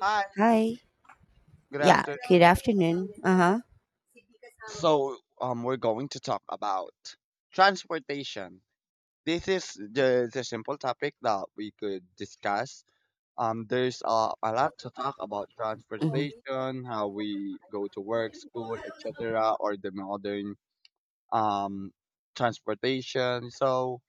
Hi, Hi. good Yeah. Good afternoon. afternoon. Uh huh. So we're going to talk about transportation. This is the simple topic that we could discuss. There's a lot to talk about Mhm. transportation, how we go to work, school, etc., or the modern um transportation. So,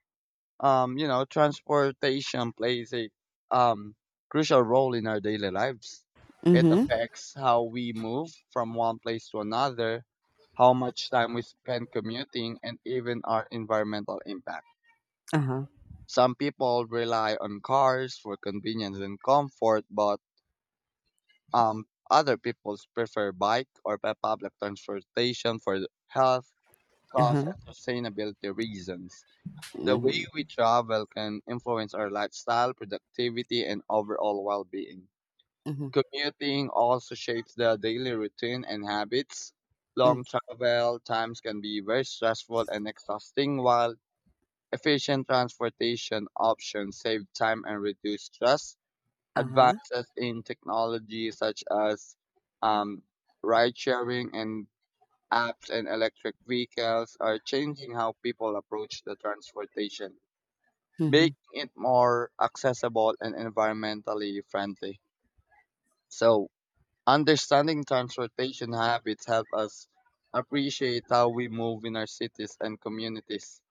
um, you know, Transportation plays a um, crucial role in our daily lives. It Mhm. affects how we move from one place to another, how much time we spend commuting, and even our environmental impact. Uh huh. Some people rely on cars for convenience and comfort, but um, other people prefer bike or public transportation for health, Uh cost, huh. and sustainability reasons. The way Mhm. we travel can influence our lifestyle, productivity, and overall well being. Mhm. Commuting also shapes the daily routine and habits. Mm. Long travel times can be very stressful and exhausting, while efficient transportation options save time and reduce stress. Uh huh. Advances in technology such as um, ride sharing and apps and electric vehicles are changing how people approach the transportation, Mhm. making it more accessible and environmentally friendly. So, understanding transportation habits help us appreciate how we move in our cities and communities,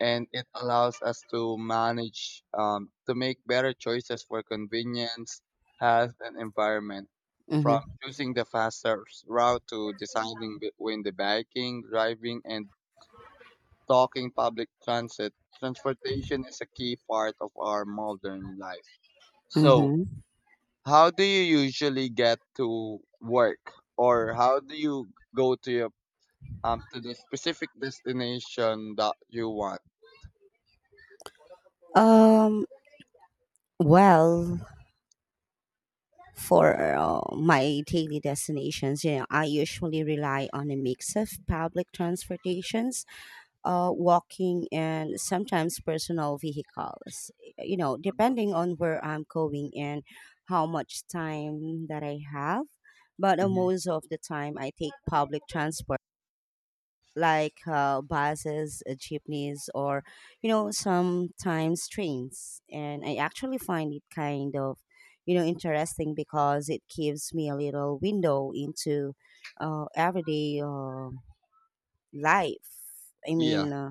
and it allows us to manage to make better choices for convenience, health, and environment. From Mhm. choosing the faster route to deciding between the biking, driving, and talking public transit, transportation is a key part of our modern life. So, Mhm. how do you usually get to work, or how do you go to your to the specific destination that you want? Um. Well, for my daily destinations, I usually rely on a mix of public transportations, walking, and sometimes personal vehicles, you know, depending on where I'm going and how much time that I have. But Mm-hmm. most of the time, I take public transport like buses, jeepneys, or you know, sometimes trains. And I actually find it kind of interesting, because it gives me a little window into everyday life. I mean, Yeah. uh,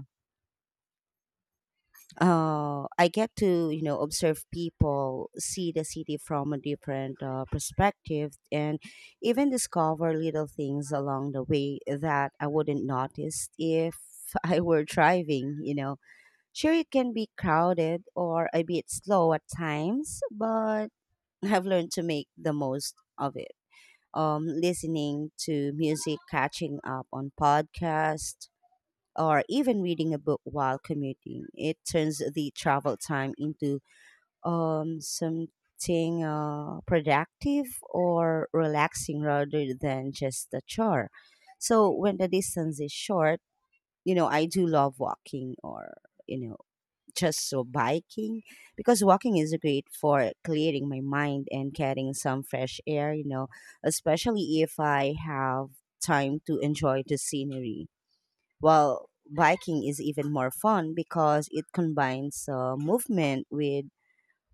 uh, I get to observe people, see the city from a different perspective, and even discover little things along the way that I wouldn't notice if I were driving. Sure, it can be crowded or a bit slow at times, but I've learned to make the most of it. Listening to music, catching up on podcasts, or even reading a book while commuting. It turns the travel time into something productive or relaxing rather than just a chore. So when the distance is short, I do love walking or, you know, just so biking, because walking is great for clearing my mind and getting some fresh air, especially if I have time to enjoy the scenery. While biking is even more fun because it combines movement with,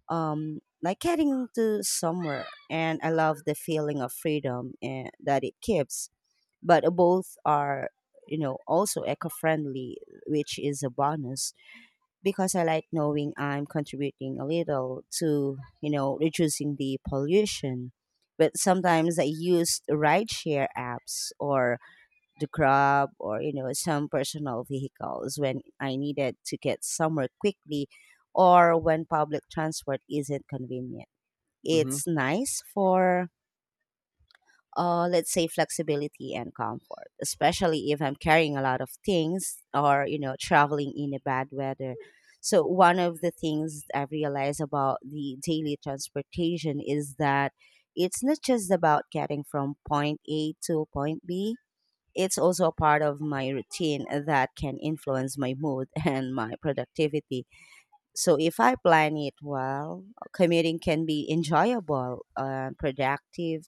like, heading to somewhere. And I love the feeling of freedom and that it gives. But both are also eco friendly, which is a bonus, because I like knowing I'm contributing a little to reducing the pollution. But sometimes I use rideshare apps or the Grab or some personal vehicles when I needed to get somewhere quickly or when public transport isn't convenient. Hmm. It's nice for, let's say, flexibility and comfort, especially if I'm carrying a lot of things or traveling in a bad weather. So one of the things I realize about the daily transportation is that it's not just about getting from point A to point B. It's also a part of my routine that can influence my mood and my productivity. So if I plan it well, commuting can be enjoyable, productive,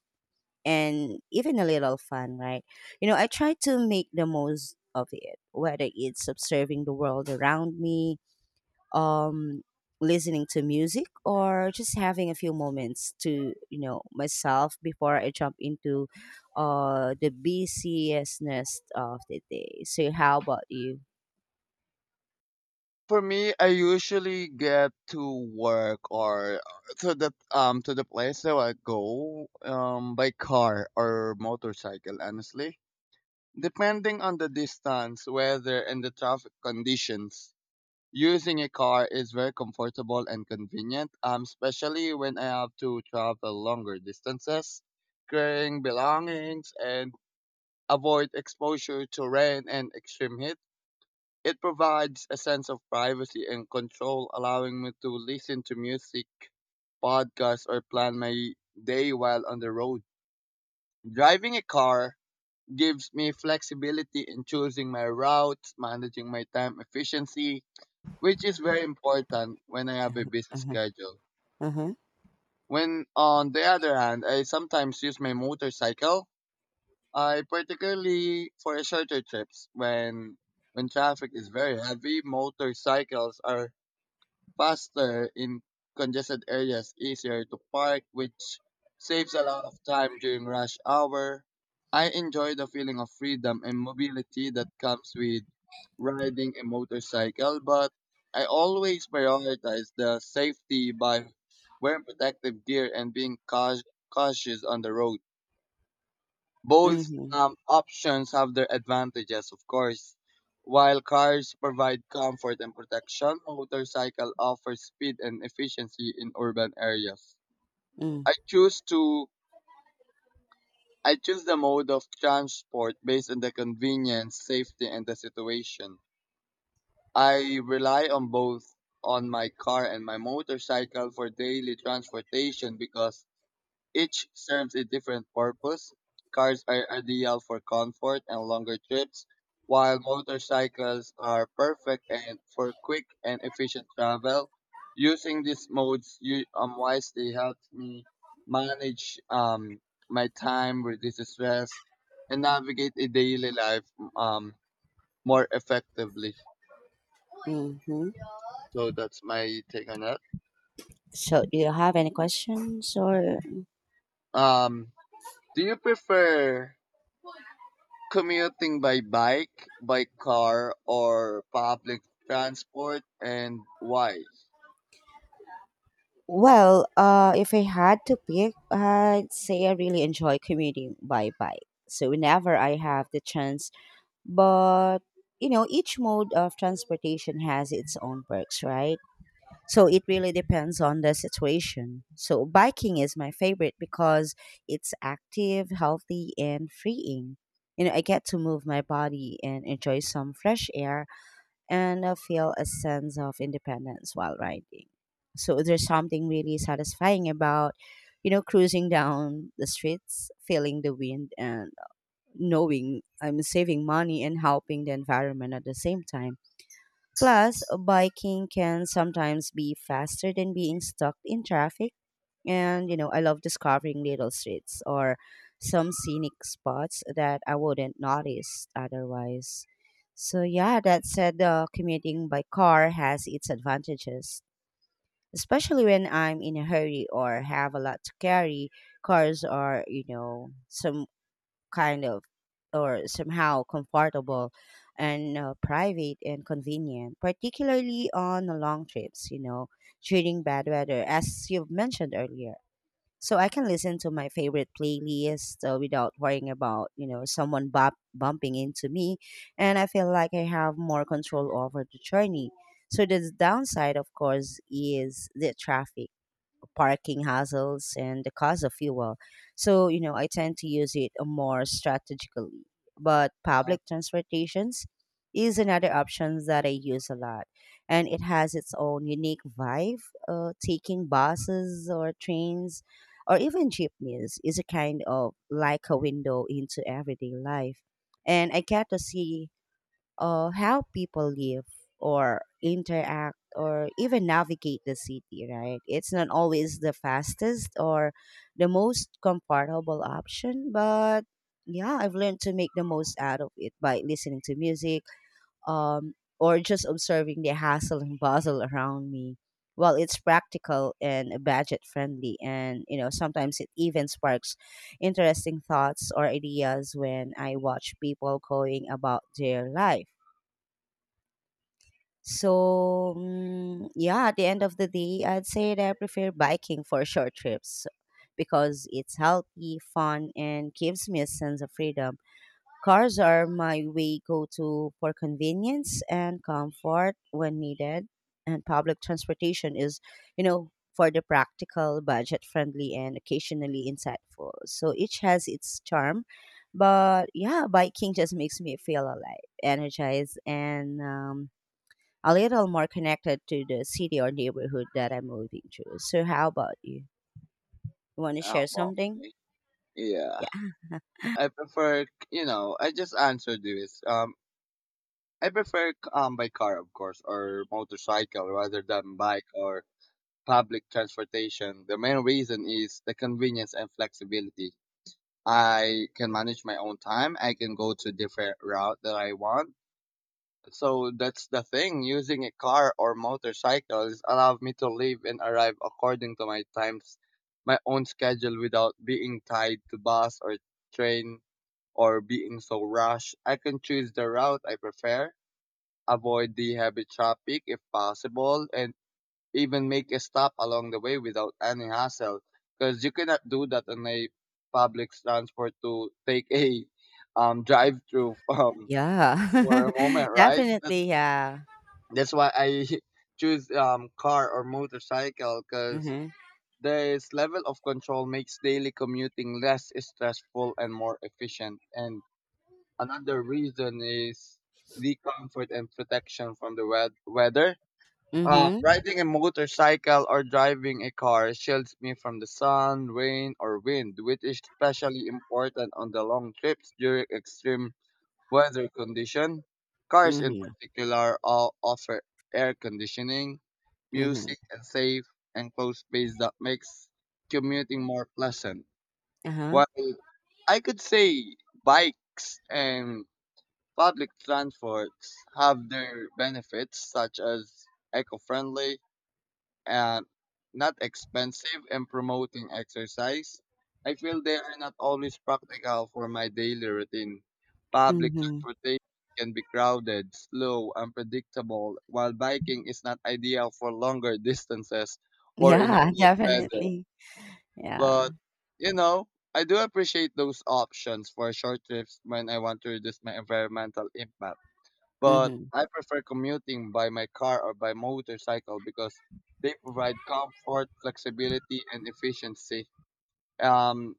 and even a little fun, right? I try to make the most of it, whether it's observing the world around me, um listening to music or just having a few moments to myself before I jump into the busiestness of the day. So how about you? For me, I usually get to work or to the to the place that I go by car or motorcycle. Honestly, depending on the distance, weather, and the traffic conditions, using a car is very comfortable and convenient, especially when I have to travel longer distances, carrying belongings, and avoid exposure to rain and extreme heat. It provides a sense of privacy and control, allowing me to listen to music, podcasts, or plan my day while on the road. Driving a car gives me flexibility in choosing my routes, managing my time efficiency, which is very important when I have a busy schedule. Uh-huh. When on the other hand, I sometimes use my motorcycle, I particularly for shorter trips when traffic is very heavy, motorcycles are faster in congested areas, easier to park, which saves a lot of time during rush hour. I enjoy the feeling of freedom and mobility that comes with riding a motorcycle, but I always prioritize the safety by wearing protective gear and being cautious on the road. Both Mm-hmm. Options have their advantages, of course. While cars provide comfort and protection, motorcycle offers speed and efficiency in urban areas. I choose to I choose the mode of transport based on the convenience, safety, and the situation. I rely on both on my car and my motorcycle for daily transportation because each serves a different purpose. Cars are ideal for comfort and longer trips, while motorcycles are perfect and for quick and efficient travel. Using these modes you, wisely helps me manage my time, reduce stress, and navigate a daily life, um, more effectively. Mm-hmm. So that's my take on that. So do you have any questions? Or, Um, do you prefer commuting by bike, by car, or public transport, and why? well, if I had to pick, I'd say I really enjoy commuting by bike, so whenever I have the chance. But each mode of transportation has its own perks, right? So it really depends on the situation. So biking is my favorite, because it's active, healthy, and freeing. I get to move my body and enjoy some fresh air, and I feel a sense of independence while riding. So there's something really satisfying about cruising down the streets, feeling the wind, and knowing I'm saving money and helping the environment at the same time. Plus, biking can sometimes be faster than being stuck in traffic. And, I love discovering little streets or some scenic spots that I wouldn't notice otherwise. So, yeah, that said, commuting by car has its advantages, especially when I'm in a hurry or have a lot to carry. Cars are, some kind of or somehow comfortable and, private and convenient, particularly on the long trips, during bad weather, as you've mentioned earlier. So I can listen to my favorite playlist without worrying about someone bumping into me. And I feel like I have more control over the journey. So the downside, of course, is the traffic, parking hassles, and the cost of fuel. So, I tend to use it more strategically. But Huh? public transportations is another option that I use a lot. And it has its own unique vibe. Taking buses or trains or even jeepneys is a kind of like a window into everyday life. And I get to see of how people live or interact or even navigate the city, right? It's not always the fastest or the most comfortable option, but yeah, I've learned to make the most out of it by listening to music, or just observing the hassle and bustle around me. Well, it's practical and budget friendly, and sometimes it even sparks interesting thoughts or ideas when I watch people going about their life. So, yeah, at the end of the day, I'd say that I prefer biking for short trips, because it's healthy, fun, and gives me a sense of freedom. Cars are my way go to for convenience and comfort when needed, and public transportation is, for the practical, budget friendly, and occasionally insightful. So each has its charm, but yeah, biking just makes me feel alive, energized, and, a little more connected to the city or neighborhood that I'm moving to. So, how about you? You want to Ah, share well, something? okay. Yeah, Yeah. I prefer, you know, I just answered this. I prefer by car, of course, or motorcycle rather than bike or public transportation. The main reason is the convenience and flexibility. I can manage my own time. I can go to different route that I want. So that's the thing. Using a car or motorcycles allowed me to leave and arrive according to my times, my own schedule without being tied to bus or train or being so rushed. I can choose the route I prefer, avoid the heavy traffic if possible, and even make a stop along the way without any hassle. Because you cannot do that on a public transport to take a drive through Yeah. for a moment, right? Definitely. Yeah. That's why I choose car or motorcycle because Mm-hmm. this level of control makes daily commuting less stressful and more efficient. And another reason is the comfort and protection from the weather. Mm-hmm. Riding a motorcycle or driving a car shields me from the sun, rain, or wind, which is especially important on the long trips during extreme weather condition. Cars in Mm-hmm. particular all offer air conditioning, Mm-hmm. music, and safe enclosed space that makes commuting more pleasant. Uh-huh. While I could say bikes and public transports have their benefits such as eco-friendly and not expensive and promoting exercise, I feel they are not always practical for my daily routine. Public Mm-hmm. transportation can be crowded, slow, unpredictable, while biking is not ideal for longer distances or in Yeah, wet weather. definitely. Yeah. But, you know, I do appreciate those options for short trips when I want to reduce my environmental impact, but Mm-hmm. I prefer commuting by my car or by motorcycle because they provide comfort, flexibility, and efficiency. Um,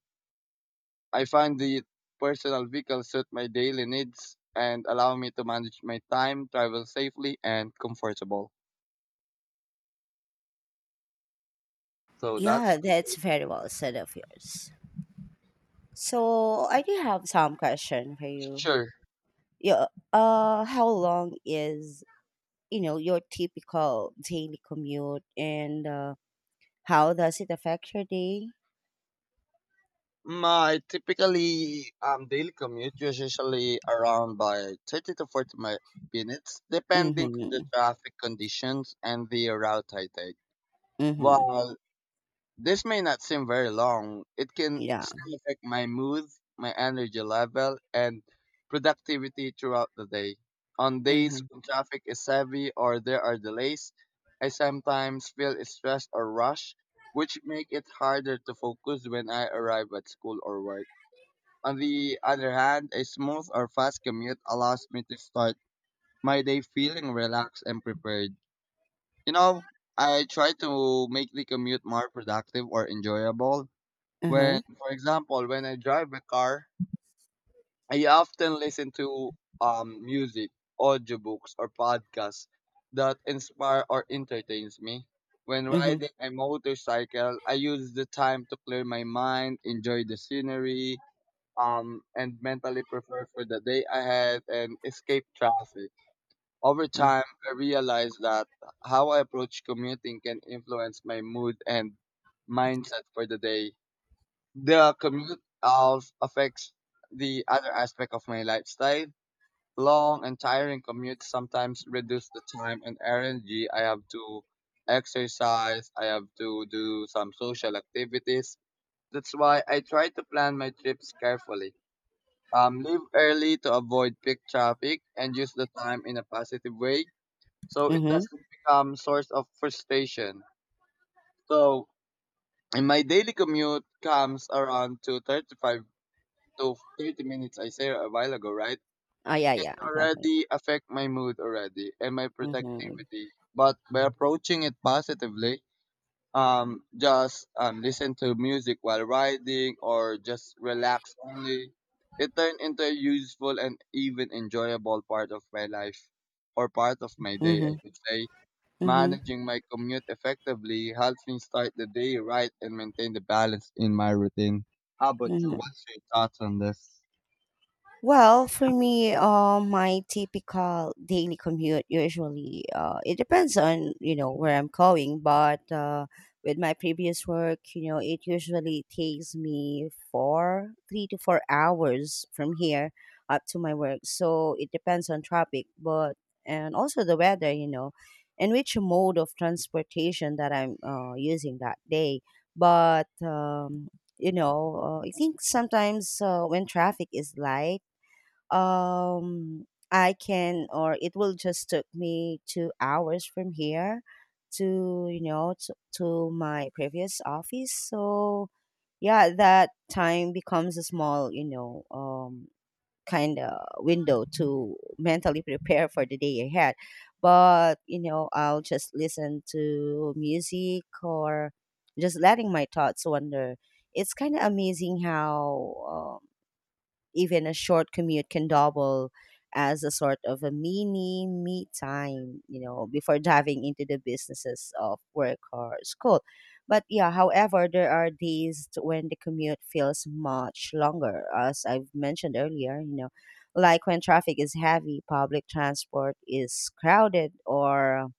I find the personal vehicle suit my daily needs and allow me to manage my time, travel safely, and comfortable. So that's Yeah, my that's take. very well said of yours. So I do have some question for you. Sure. Yeah. How long is your typical daily commute, and, how does it affect your day? My typically daily commute is usually around by 30 to 40 minutes, depending on the Mm-hmm. traffic conditions and the route I take. Mm-hmm. While this may not seem very long. It can Yeah. still affect my mood, my energy level, and productivity throughout the day. On days Mm-hmm. when traffic is heavy or there are delays, I sometimes feel stressed or rushed, which make it harder to focus when I arrive at school or work. On the other hand, a smooth or fast commute allows me to start my day feeling relaxed and prepared. You know, I try to make the commute more productive or enjoyable when, Uh-huh. for example, when I drive a car, I often listen to music, audiobooks, or podcasts that inspire or entertains me. When Mm-hmm. riding a motorcycle, I use the time to clear my mind, enjoy the scenery, and mentally prepare for the day ahead and escape traffic. Over Mm-hmm. time, I realized that how I approach commuting can influence my mood and mindset for the day. The commute also affects the other aspect of my lifestyle. Long and tiring commutes sometimes reduce the time and energy I have to exercise, I have to do some social activities. That's why I try to plan my trips carefully. Leave early to avoid peak traffic and use the time in a positive way so it Mm-hmm. doesn't become source of frustration. So in my daily commute comes around to 35. So 30 minutes I said a while ago, right? Oh yeah, yeah, Can definitely. already affect my mood already and my Mm-hmm. productivity. But by approaching it positively, just listen to music while riding or just relax only. It turned into a useful and even enjoyable part of my life or part of my day, I Mm-hmm. could say. Mm-hmm. Managing my commute effectively helps me start the day right and maintain the balance in my routine. How about you? Mm-hmm. What's your thoughts on this? Well, for me, my typical daily commute usually, it depends on where I'm going, but with my previous work, it usually takes me 3 to 4 hours from here up to my work. So it depends on traffic, but and also the weather, and which mode of transportation that I'm using that day. But I think sometimes, when traffic is light, um I can, or it will just took me 2 hours from here to to my previous office. So yeah, that time becomes a small, kind of window to mentally prepare for the day ahead. But I'll just listen to music or just letting my thoughts wander. It's kind of amazing how even a short commute can double as a sort of a mini me time, before diving into the businesses of work or school. But yeah, however, there are days when the commute feels much longer, as I've mentioned earlier, like when traffic is heavy, public transport is crowded, or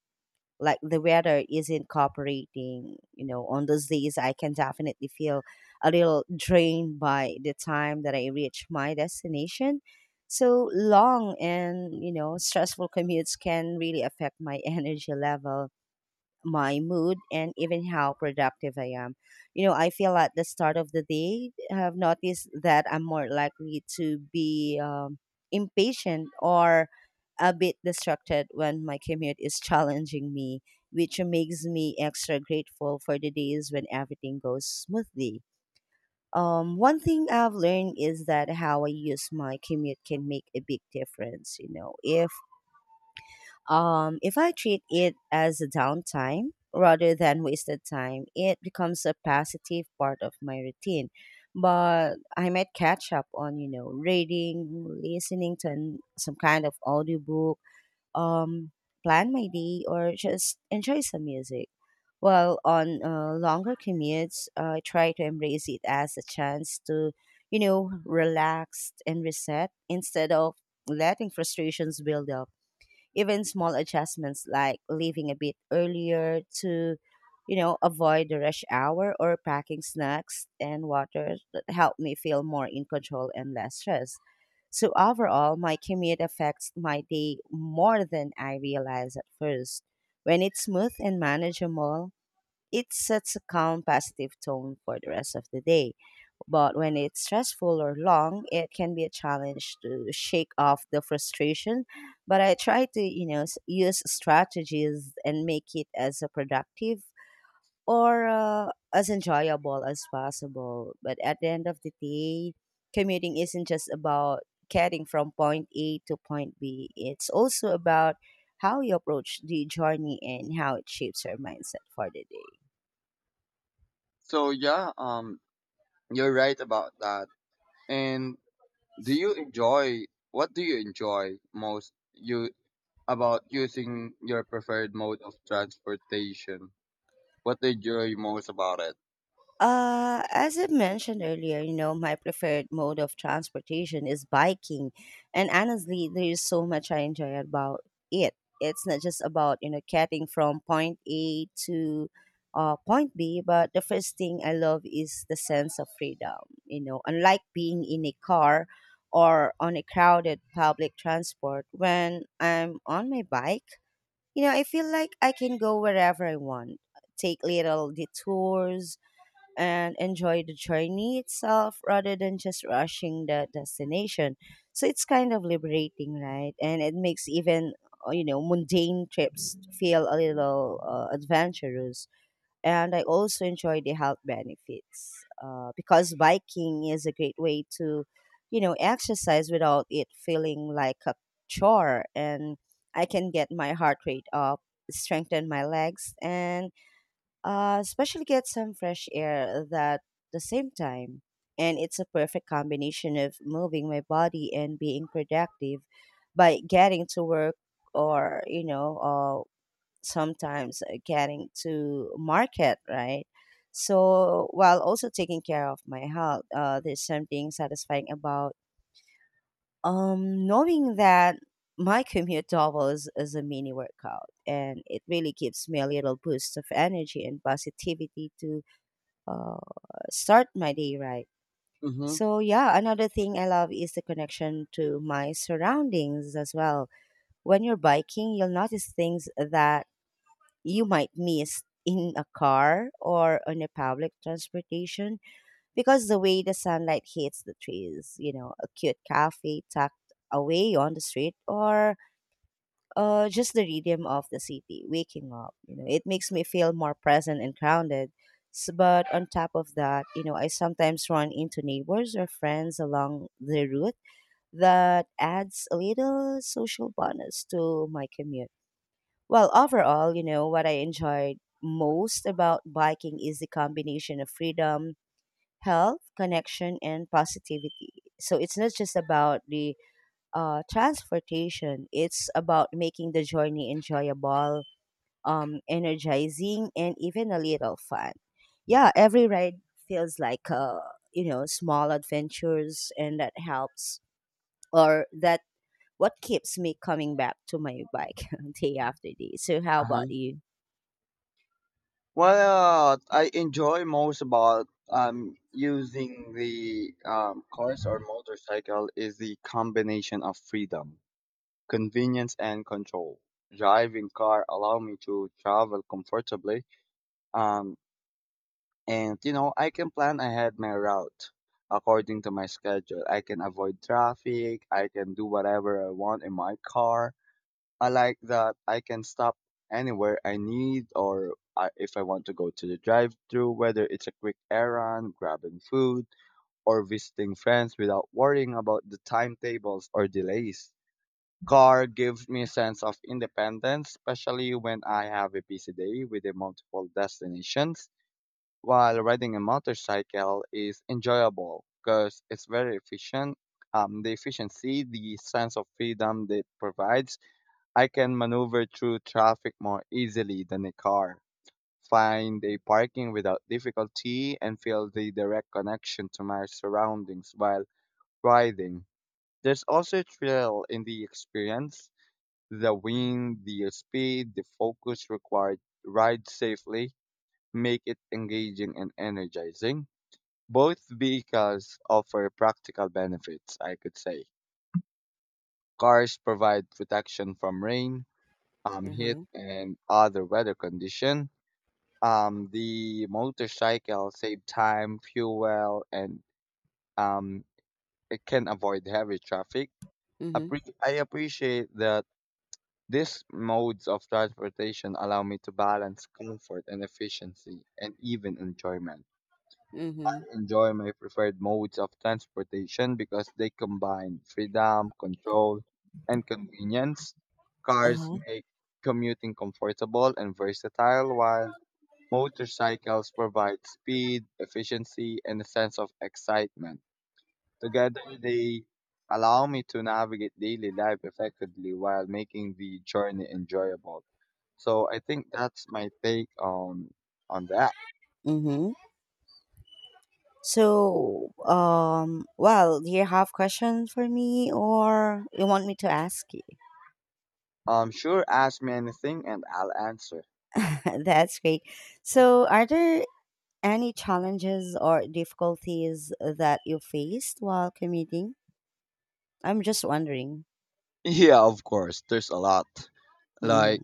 like the weather isn't cooperating. On those days I can definitely feel a little drained by the time that I reach my destination. So long and stressful commutes can really affect my energy level, my mood, and even how productive I am. I feel at the start of the day, I have noticed that I'm more likely to be, impatient or a bit distracted when my commute is challenging me, which makes me extra grateful for the days when everything goes smoothly. One thing I've learned is that how I use my commute can make a big difference. If I treat it as a downtime rather than wasted time, it becomes a positive part of my routine. But I might catch up on, reading, listening to some kind of audiobook, um, plan my day, or just enjoy some music. While on longer commutes, I try to embrace it as a chance to, relax and reset instead of letting frustrations build up. Even small adjustments, like leaving a bit earlier to avoid the rush hour or packing snacks and water, that help me feel more in control and less stressed. So overall my commute affects my day more than I realize at first. When it's smooth and manageable, it sets a calm, positive tone for the rest of the day, but when it's stressful or long, it can be a challenge to shake off the frustration. But I try to, use strategies and make it as a productive or, as enjoyable as possible. But at the end of the day, commuting isn't just about getting from point A to point B, it's also about how you approach the journey and how it shapes your mindset for the day. So yeah, you're right about that. And do you enjoy what do you enjoy most you about using your preferred mode of transportation? What do you enjoy most about it? As I mentioned earlier, my preferred mode of transportation is biking. And honestly, there is so much I enjoy about it. It's not just about, getting from point A to point B, but the first thing I love is the sense of freedom. You know, unlike being in a car or on a crowded public transport, when I'm on my bike, I feel like I can go wherever I want, take little detours and enjoy the journey itself rather than just rushing the destination. So it's kind of liberating, right? And it makes even mundane trips feel a little adventurous. And I also enjoy the health benefits because biking is a great way to exercise without it feeling like a chore, and I can get my heart rate up, strengthen my legs, and especially get some fresh air that the same time. And it's a perfect combination of moving my body and being productive by getting to work or, sometimes getting to market, right? So while also taking care of my health, there's something satisfying about knowing that my commute doubles as a mini workout, and it really gives me a little boost of energy and positivity to uh, start my day right. Mm-hmm. So, yeah, another thing I love is the connection to my surroundings as well. When you're biking, you'll notice things that you might miss in a car or on a public transportation, because the way the sunlight hits the trees, you know, a cute cafe tucked away on the street, or just the rhythm of the city waking up. You know, it makes me feel more present and grounded. But on top of that, you know, I sometimes run into neighbors or friends along the route that adds a little social bonus to my commute. Well, overall, you know, what I enjoyed most about biking is the combination of freedom, health, connection, and positivity. So it's not just about the transportation. It's about making the journey enjoyable, energizing, and even a little fun. Yeah, every ride feels like small adventures, and that helps or that what keeps me coming back to my bike day after day. So, how about Uh-huh. you? Well, I enjoy most about using the cars or motorcycle is the combination of freedom, convenience, and control. Driving car allow me to travel comfortably, um and you know, I can plan ahead my route according to my schedule. I can avoid traffic. I can do whatever I want in my car. I like that I can stop anywhere I need if I want to go to the drive-through, whether it's a quick errand, grabbing food, or visiting friends without worrying about the timetables or delays. Car gives me a sense of independence, especially when I have a busy day with the multiple destinations while riding a motorcycle is enjoyable because it's very efficient. The efficiency, the sense of freedom that provides, I can maneuver through traffic more easily than a car, find a parking without difficulty, and feel the direct connection to my surroundings while riding. There's also a thrill in the experience, the wind, the speed, the focus required to ride safely, make it engaging and energizing. Both vehicles offer practical benefits, I could say. Cars provide protection from rain, Uh heat, huh. and other weather condition. The motorcycle save time, fuel, and um, it can avoid heavy traffic. Mm-hmm. I appreciate that these modes of transportation allow me to balance comfort and efficiency, and even enjoyment. Mm-hmm. Enjoy my preferred modes of transportation because they combine freedom, control, and convenience. Uh Cars huh. make commuting comfortable and versatile, while motorcycles provide speed, efficiency, and a sense of excitement. Together, they allow me to navigate daily life effectively while making the journey enjoyable. So I think that's my take on that. Mm-hmm. So, well, do you have questions for me, or you want me to ask you? Sure, ask me anything and I'll answer. That's great. So, are there any challenges or difficulties that you faced while commuting? I'm just wondering. Yeah, of course, there's a lot. Like Mm-hmm.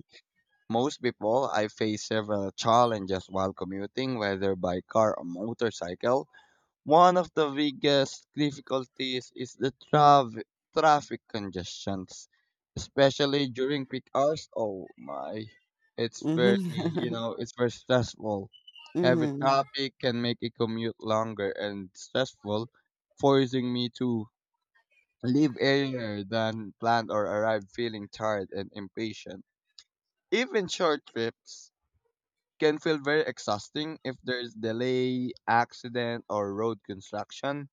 most people, I face several challenges while commuting, whether by car or motorcycle. One of the biggest difficulties is the traffic congestions, especially during peak hours. Oh my, it's very, you Mm-hmm. know, it's very stressful. Heavy Mm-hmm. traffic can make a commute longer and stressful, forcing me to leave earlier than planned or arrive feeling tired and impatient. Even short trips can feel very exhausting if there's delay, accident, or road construction.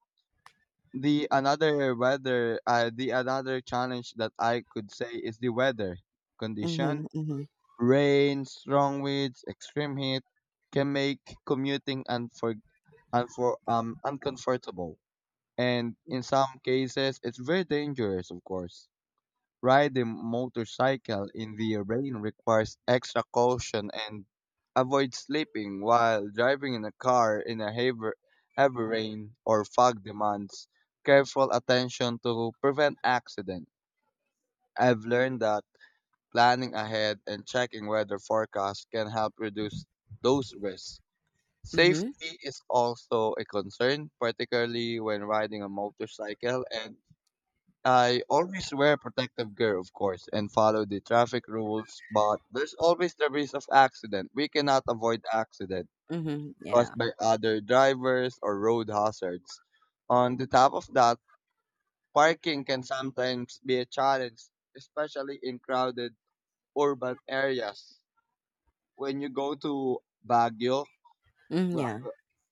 The another challenge that I could say is the weather condition. Mm-hmm. Rain, strong winds, extreme heat can make commuting uncomfortable. And in some cases, it's very dangerous, of course. Riding motorcycle in the rain requires extra caution, and avoid sleeping while driving in a car in a heavy rain or fog demands careful attention to prevent accident. I've learned that planning ahead and checking weather forecasts can help reduce those risks. Mm-hmm. Safety is also a concern, particularly when riding a motorcycle, and I always wear protective gear, of course, and follow the traffic rules, but there's always the risk of accident. We cannot avoid accident Mm-hmm. caused Yeah. by other drivers or road hazards. On the top of that, parking can sometimes be a challenge, especially in crowded urban areas. When you go to Baguio, Mm, well, yeah.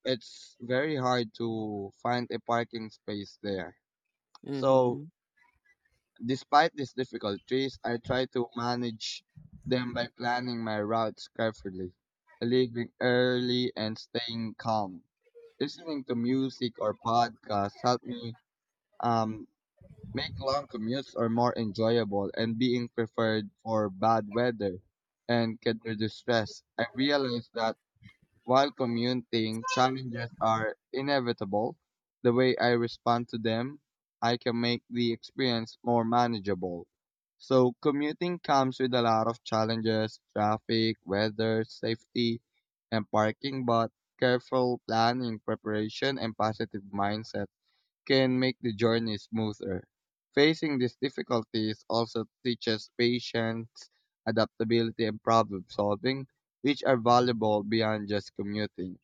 it's very hard to find a parking space there. So Mm-hmm. despite these difficulties, I try to manage them by planning my routes carefully, leaving early and staying calm. Listening to music or podcasts help me um, make long commutes or more enjoyable, and being prepared for bad weather and can reduce stress. I realized that while commuting challenges are inevitable, the way I respond to them, I can make the experience more manageable. So, commuting comes with a lot of challenges: traffic, weather, safety, and parking, but careful planning, preparation, and positive mindset can make the journey smoother. Facing these difficulties also teaches patience, adaptability, and problem solving, which are valuable beyond just commuting.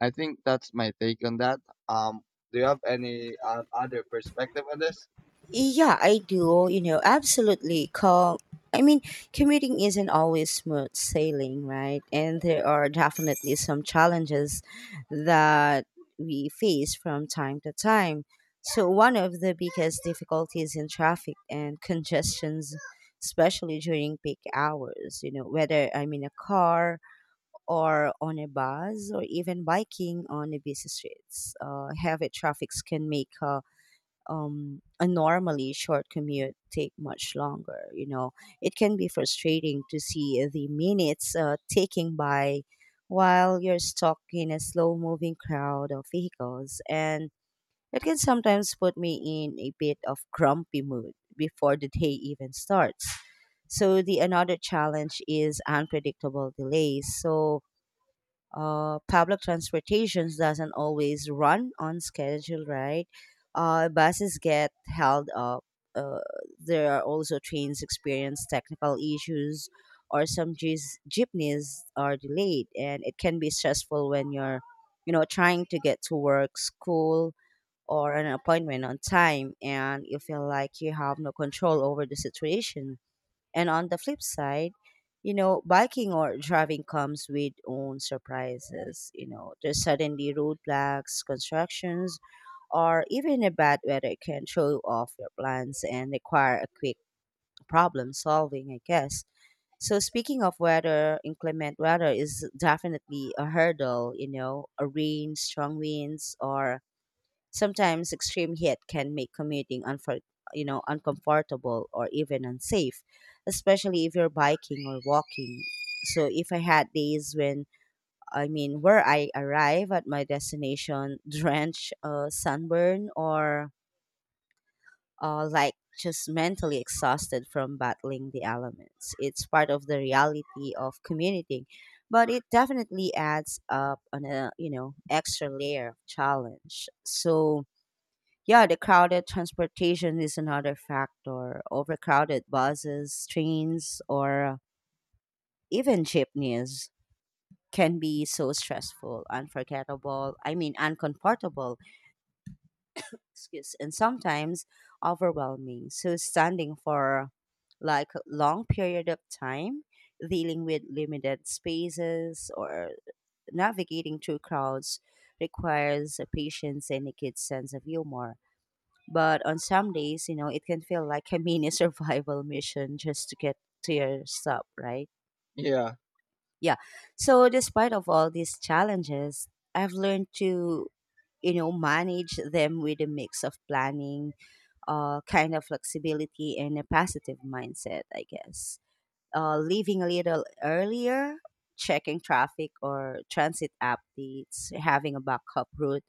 I think that's my take on that. Um, do you have any other perspective on this? Yeah, I do. You know, absolutely. Call. I mean, commuting isn't always smooth sailing, right? And there are definitely some challenges that we face from time to time. So, one of the biggest difficulties in traffic and congestions, especially during peak hours, you know, whether I'm in a car or on a bus or even biking on the busy streets, heavy traffics can make a normally short commute take much longer. You know, it can be frustrating to see the minutes taking by while you're stuck in a slow moving crowd of vehicles, and it can sometimes put me in a bit of grumpy mood before the day even starts. So the another challenge is unpredictable delays. So public transportation doesn't always run on schedule, right? Buses get held up. Uh, there are also trains experience technical issues, or some jeepneys are delayed, and it can be stressful when you're, you know, trying to get to work, school, or an appointment on time, and you feel like you have no control over the situation. And on the flip side, you know, biking or driving comes with own surprises. You know, there's suddenly roadblocks, constructions, or even a bad weather can throw off your plans and require a quick problem solving, I guess. So speaking of weather, inclement weather is definitely a hurdle, you know, a rain, strong winds, or sometimes extreme heat can make commuting uncomfortable or even unsafe, especially if you're biking or walking. So if I had days when I mean where I arrive at my destination drenched, sunburn, or like just mentally exhausted from battling the elements. It's part of the reality of commuting, but it definitely adds up on a extra layer of challenge. So yeah, the crowded transportation is another factor. Overcrowded buses, trains, or even jeepneys can be so stressful, uncomfortable, excuse, and sometimes overwhelming. So, standing for like a long period of time, dealing with limited spaces, or navigating through crowds requires a patience and a kid's sense of humor. But on some days, you know, it can feel like a mini survival mission just to get to your stop, right? Yeah, Yeah. So despite of all these challenges, I've learned to manage them with a mix of planning, kind of flexibility, and a positive mindset, I guess. Leaving a little earlier, checking traffic or transit updates, having a backup route,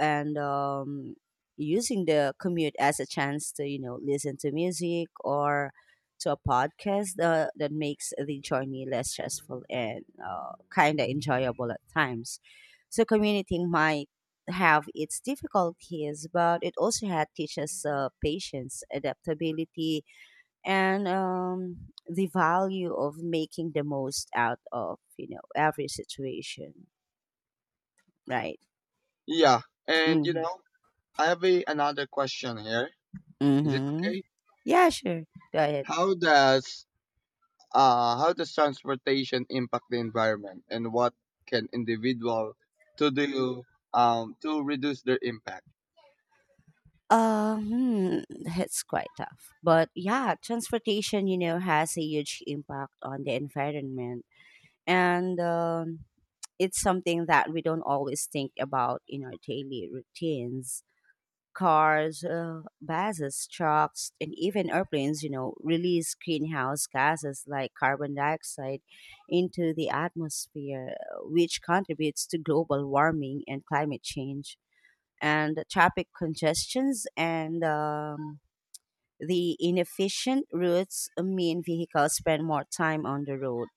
and using the commute as a chance to listen to music or to a podcast, that makes the journey less stressful and kind of enjoyable at times. So commuting might have its difficulties, but it also had teaches patience, adaptability, and the value of making the most out of every situation, right? yeah, and you Mm-hmm. know, I have a, another question here. Is it Mm-hmm. okay? Yeah, sure. Go ahead. How does how does transportation impact the environment, and what can individual to do to reduce their impact? Hmm, it's quite tough. But yeah, transportation, you know, has a huge impact on the environment. And it's something that we don't always think about in our daily routines. Cars, buses, trucks, and even airplanes, you know, release greenhouse gases like carbon dioxide into the atmosphere, which contributes to global warming and climate change, and traffic congestions and the inefficient routes mean vehicles spend more time on the road,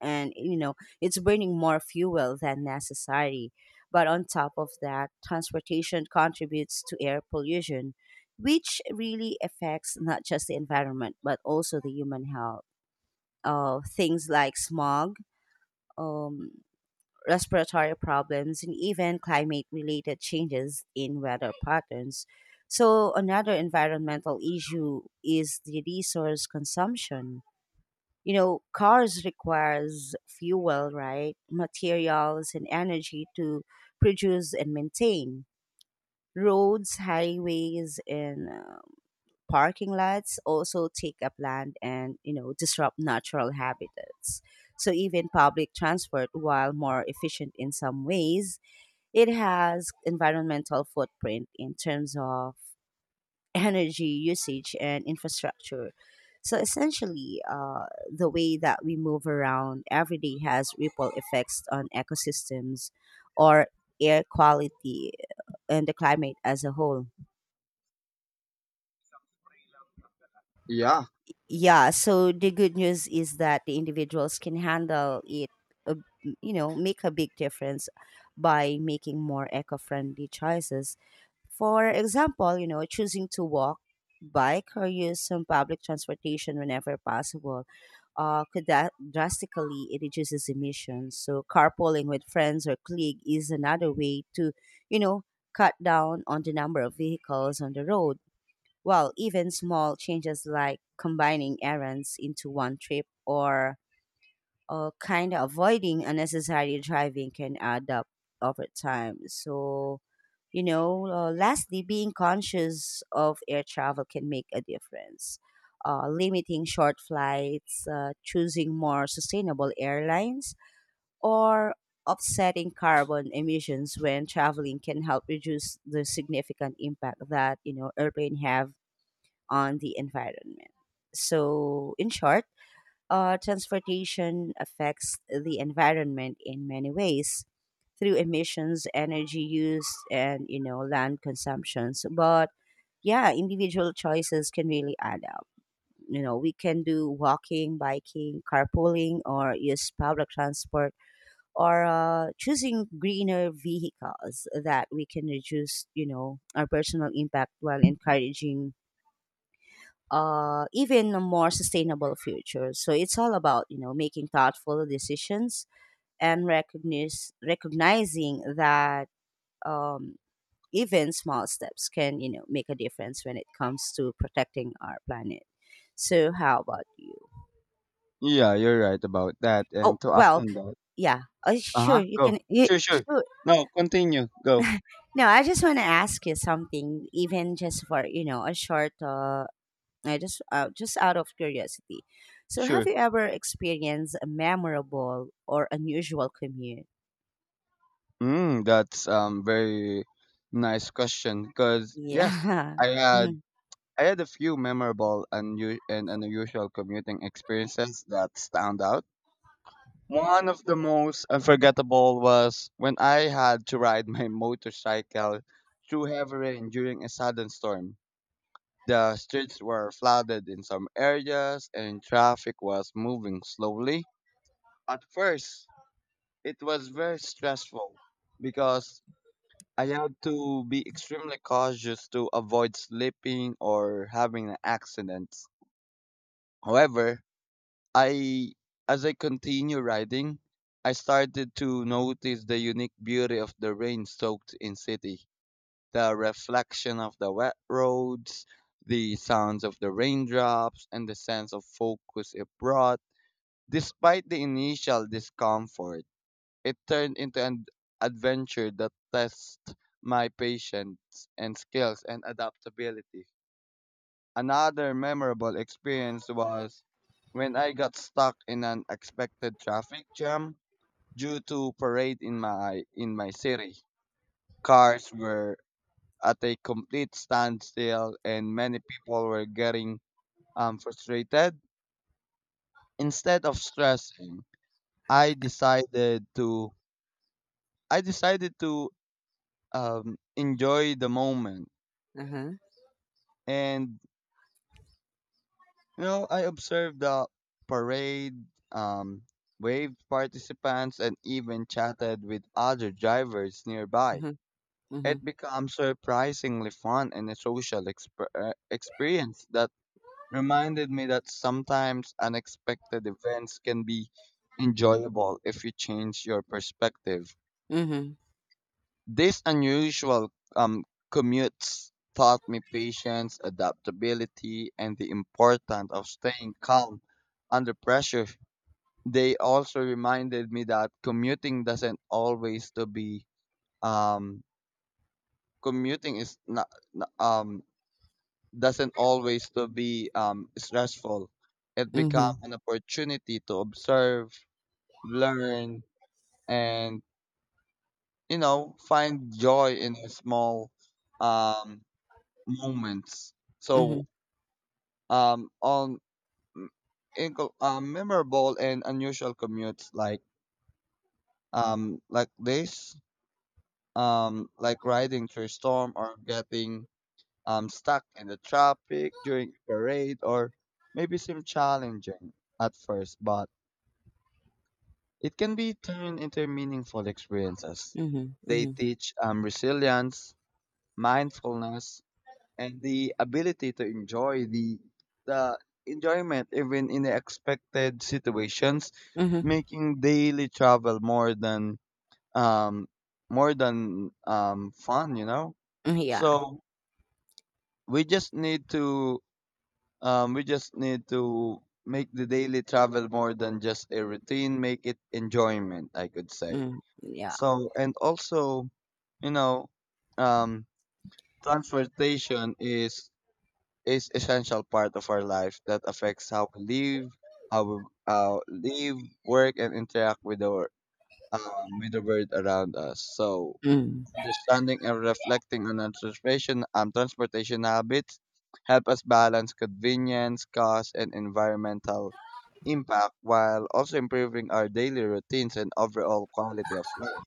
and you know it's burning more fuel than necessary. But on top of that, transportation contributes to air pollution, which really affects not just the environment but also the human health. Things like smog, um, respiratory problems, and even climate related changes in weather patterns. So, another environmental issue is the resource consumption. You know, cars requires fuel, right? Materials and energy to produce and maintain. Roads, highways, and parking lots also take up land and you know disrupt natural habitats. So even public transport, while more efficient in some ways, it has environmental footprint in terms of energy usage and infrastructure. So essentially, the way that we move around every day has ripple effects on ecosystems or air quality and the climate as a whole. Yeah. Yeah, so the good news is that the individuals can handle it, uh, you know, make a big difference by making more eco friendly choices. For example, you know, choosing to walk, bike, or use some public transportation whenever possible could that drastically it reduces emissions. So carpooling with friends or colleague is another way to, you know, cut down on the number of vehicles on the road. While even small changes like combining errands into one trip or kind of avoiding unnecessary driving can add up over time. So, lastly, being conscious of air travel can make a difference. Limiting short flights, choosing more sustainable airlines, or offsetting carbon emissions when traveling can help reduce the significant impact that you know airplane have on the environment. So, in short, transportation affects the environment in many ways through emissions, energy use, and you know land consumptions. But yeah, individual choices can really add up. You know, we can do walking, biking, carpooling, or use public transport, or choosing greener vehicles that we can reduce, you know, our personal impact while encouraging even a more sustainable future. So it's all about you know making thoughtful decisions and recognize recognizing that um, even small steps can you know make a difference when it comes to protecting our planet. So how about you? Yeah, you're right about that. And Oh to add well, on that, yeah, uh sure huh, you can. go. Sure, sure. Sure, No, continue. Go. no, I just want to ask you something, even just for you know a short I just out of curiosity. So, have Sure. you ever experienced a memorable or unusual commute? Mm, that's very nice question. Because yes, Yeah. I had I had a few memorable and unusual commuting experiences that stand out. One of the most unforgettable was when I had to ride my motorcycle through heavy rain during a sudden storm. The streets were flooded in some areas and traffic was moving slowly. At first, it was very stressful because I had to be extremely cautious to avoid slipping or having an accident. However, I as I continue riding, I started to notice the unique beauty of the rain-soaked in city, the reflection of the wet roads, the sounds of the raindrops, and the sense of focus it brought. Despite the initial discomfort, it turned into an adventure that tests my patience and skills and adaptability. Another memorable experience was when I got stuck in an unexpected traffic jam due to parade in my city. Cars were at a complete standstill and many people were getting frustrated. Instead of stressing, I decided to I decided to enjoy the moment. Mm-hmm. Uh-huh. And you know, I observed the parade, um, waved participants, and even chatted with other drivers nearby. Uh-huh. Mm-hmm. It becomes surprisingly fun and a social experience that reminded me that sometimes unexpected events can be enjoyable if you change your perspective. Mm-hmm. These unusual commutes taught me patience, adaptability, and the importance of staying calm under pressure. They also reminded me that commuting doesn't always to be um, commuting is not n- um, doesn't always to be stressful. It becomes Mm-hmm. an opportunity to observe, learn, and you know find joy in a small um, moments. Mm-hmm. So, um, on m- memorable and unusual commutes like this, like riding through a storm or getting stuck in the traffic during a parade or maybe seem challenging at first, but it can be turned into meaningful experiences. They Mm-hmm. teach resilience, mindfulness, and the ability to enjoy the enjoyment even in the expected situations, Mm-hmm. making daily travel more than um fun, you know. Yeah. So we just need to we just need to make the daily travel more than just a routine, make it enjoyment, I could say. Mm. Yeah. So and also, you know, um transportation is essential part of our life that affects how we live, work, and interact with our with the world around us. So Mm. understanding and reflecting on our transportation habits help us balance convenience, cost, and environmental impact while also improving our daily routines and overall quality of life.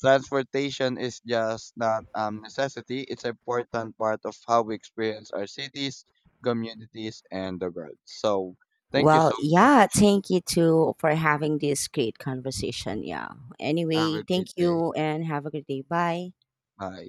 Transportation is just not necessity, it's an important part of how we experience our cities, communities, and the world. So, thank you Well, so much. yeah, thank you too for having this great conversation. Yeah. Have a Anyway, thank great day. you and have a good day. Bye. Bye.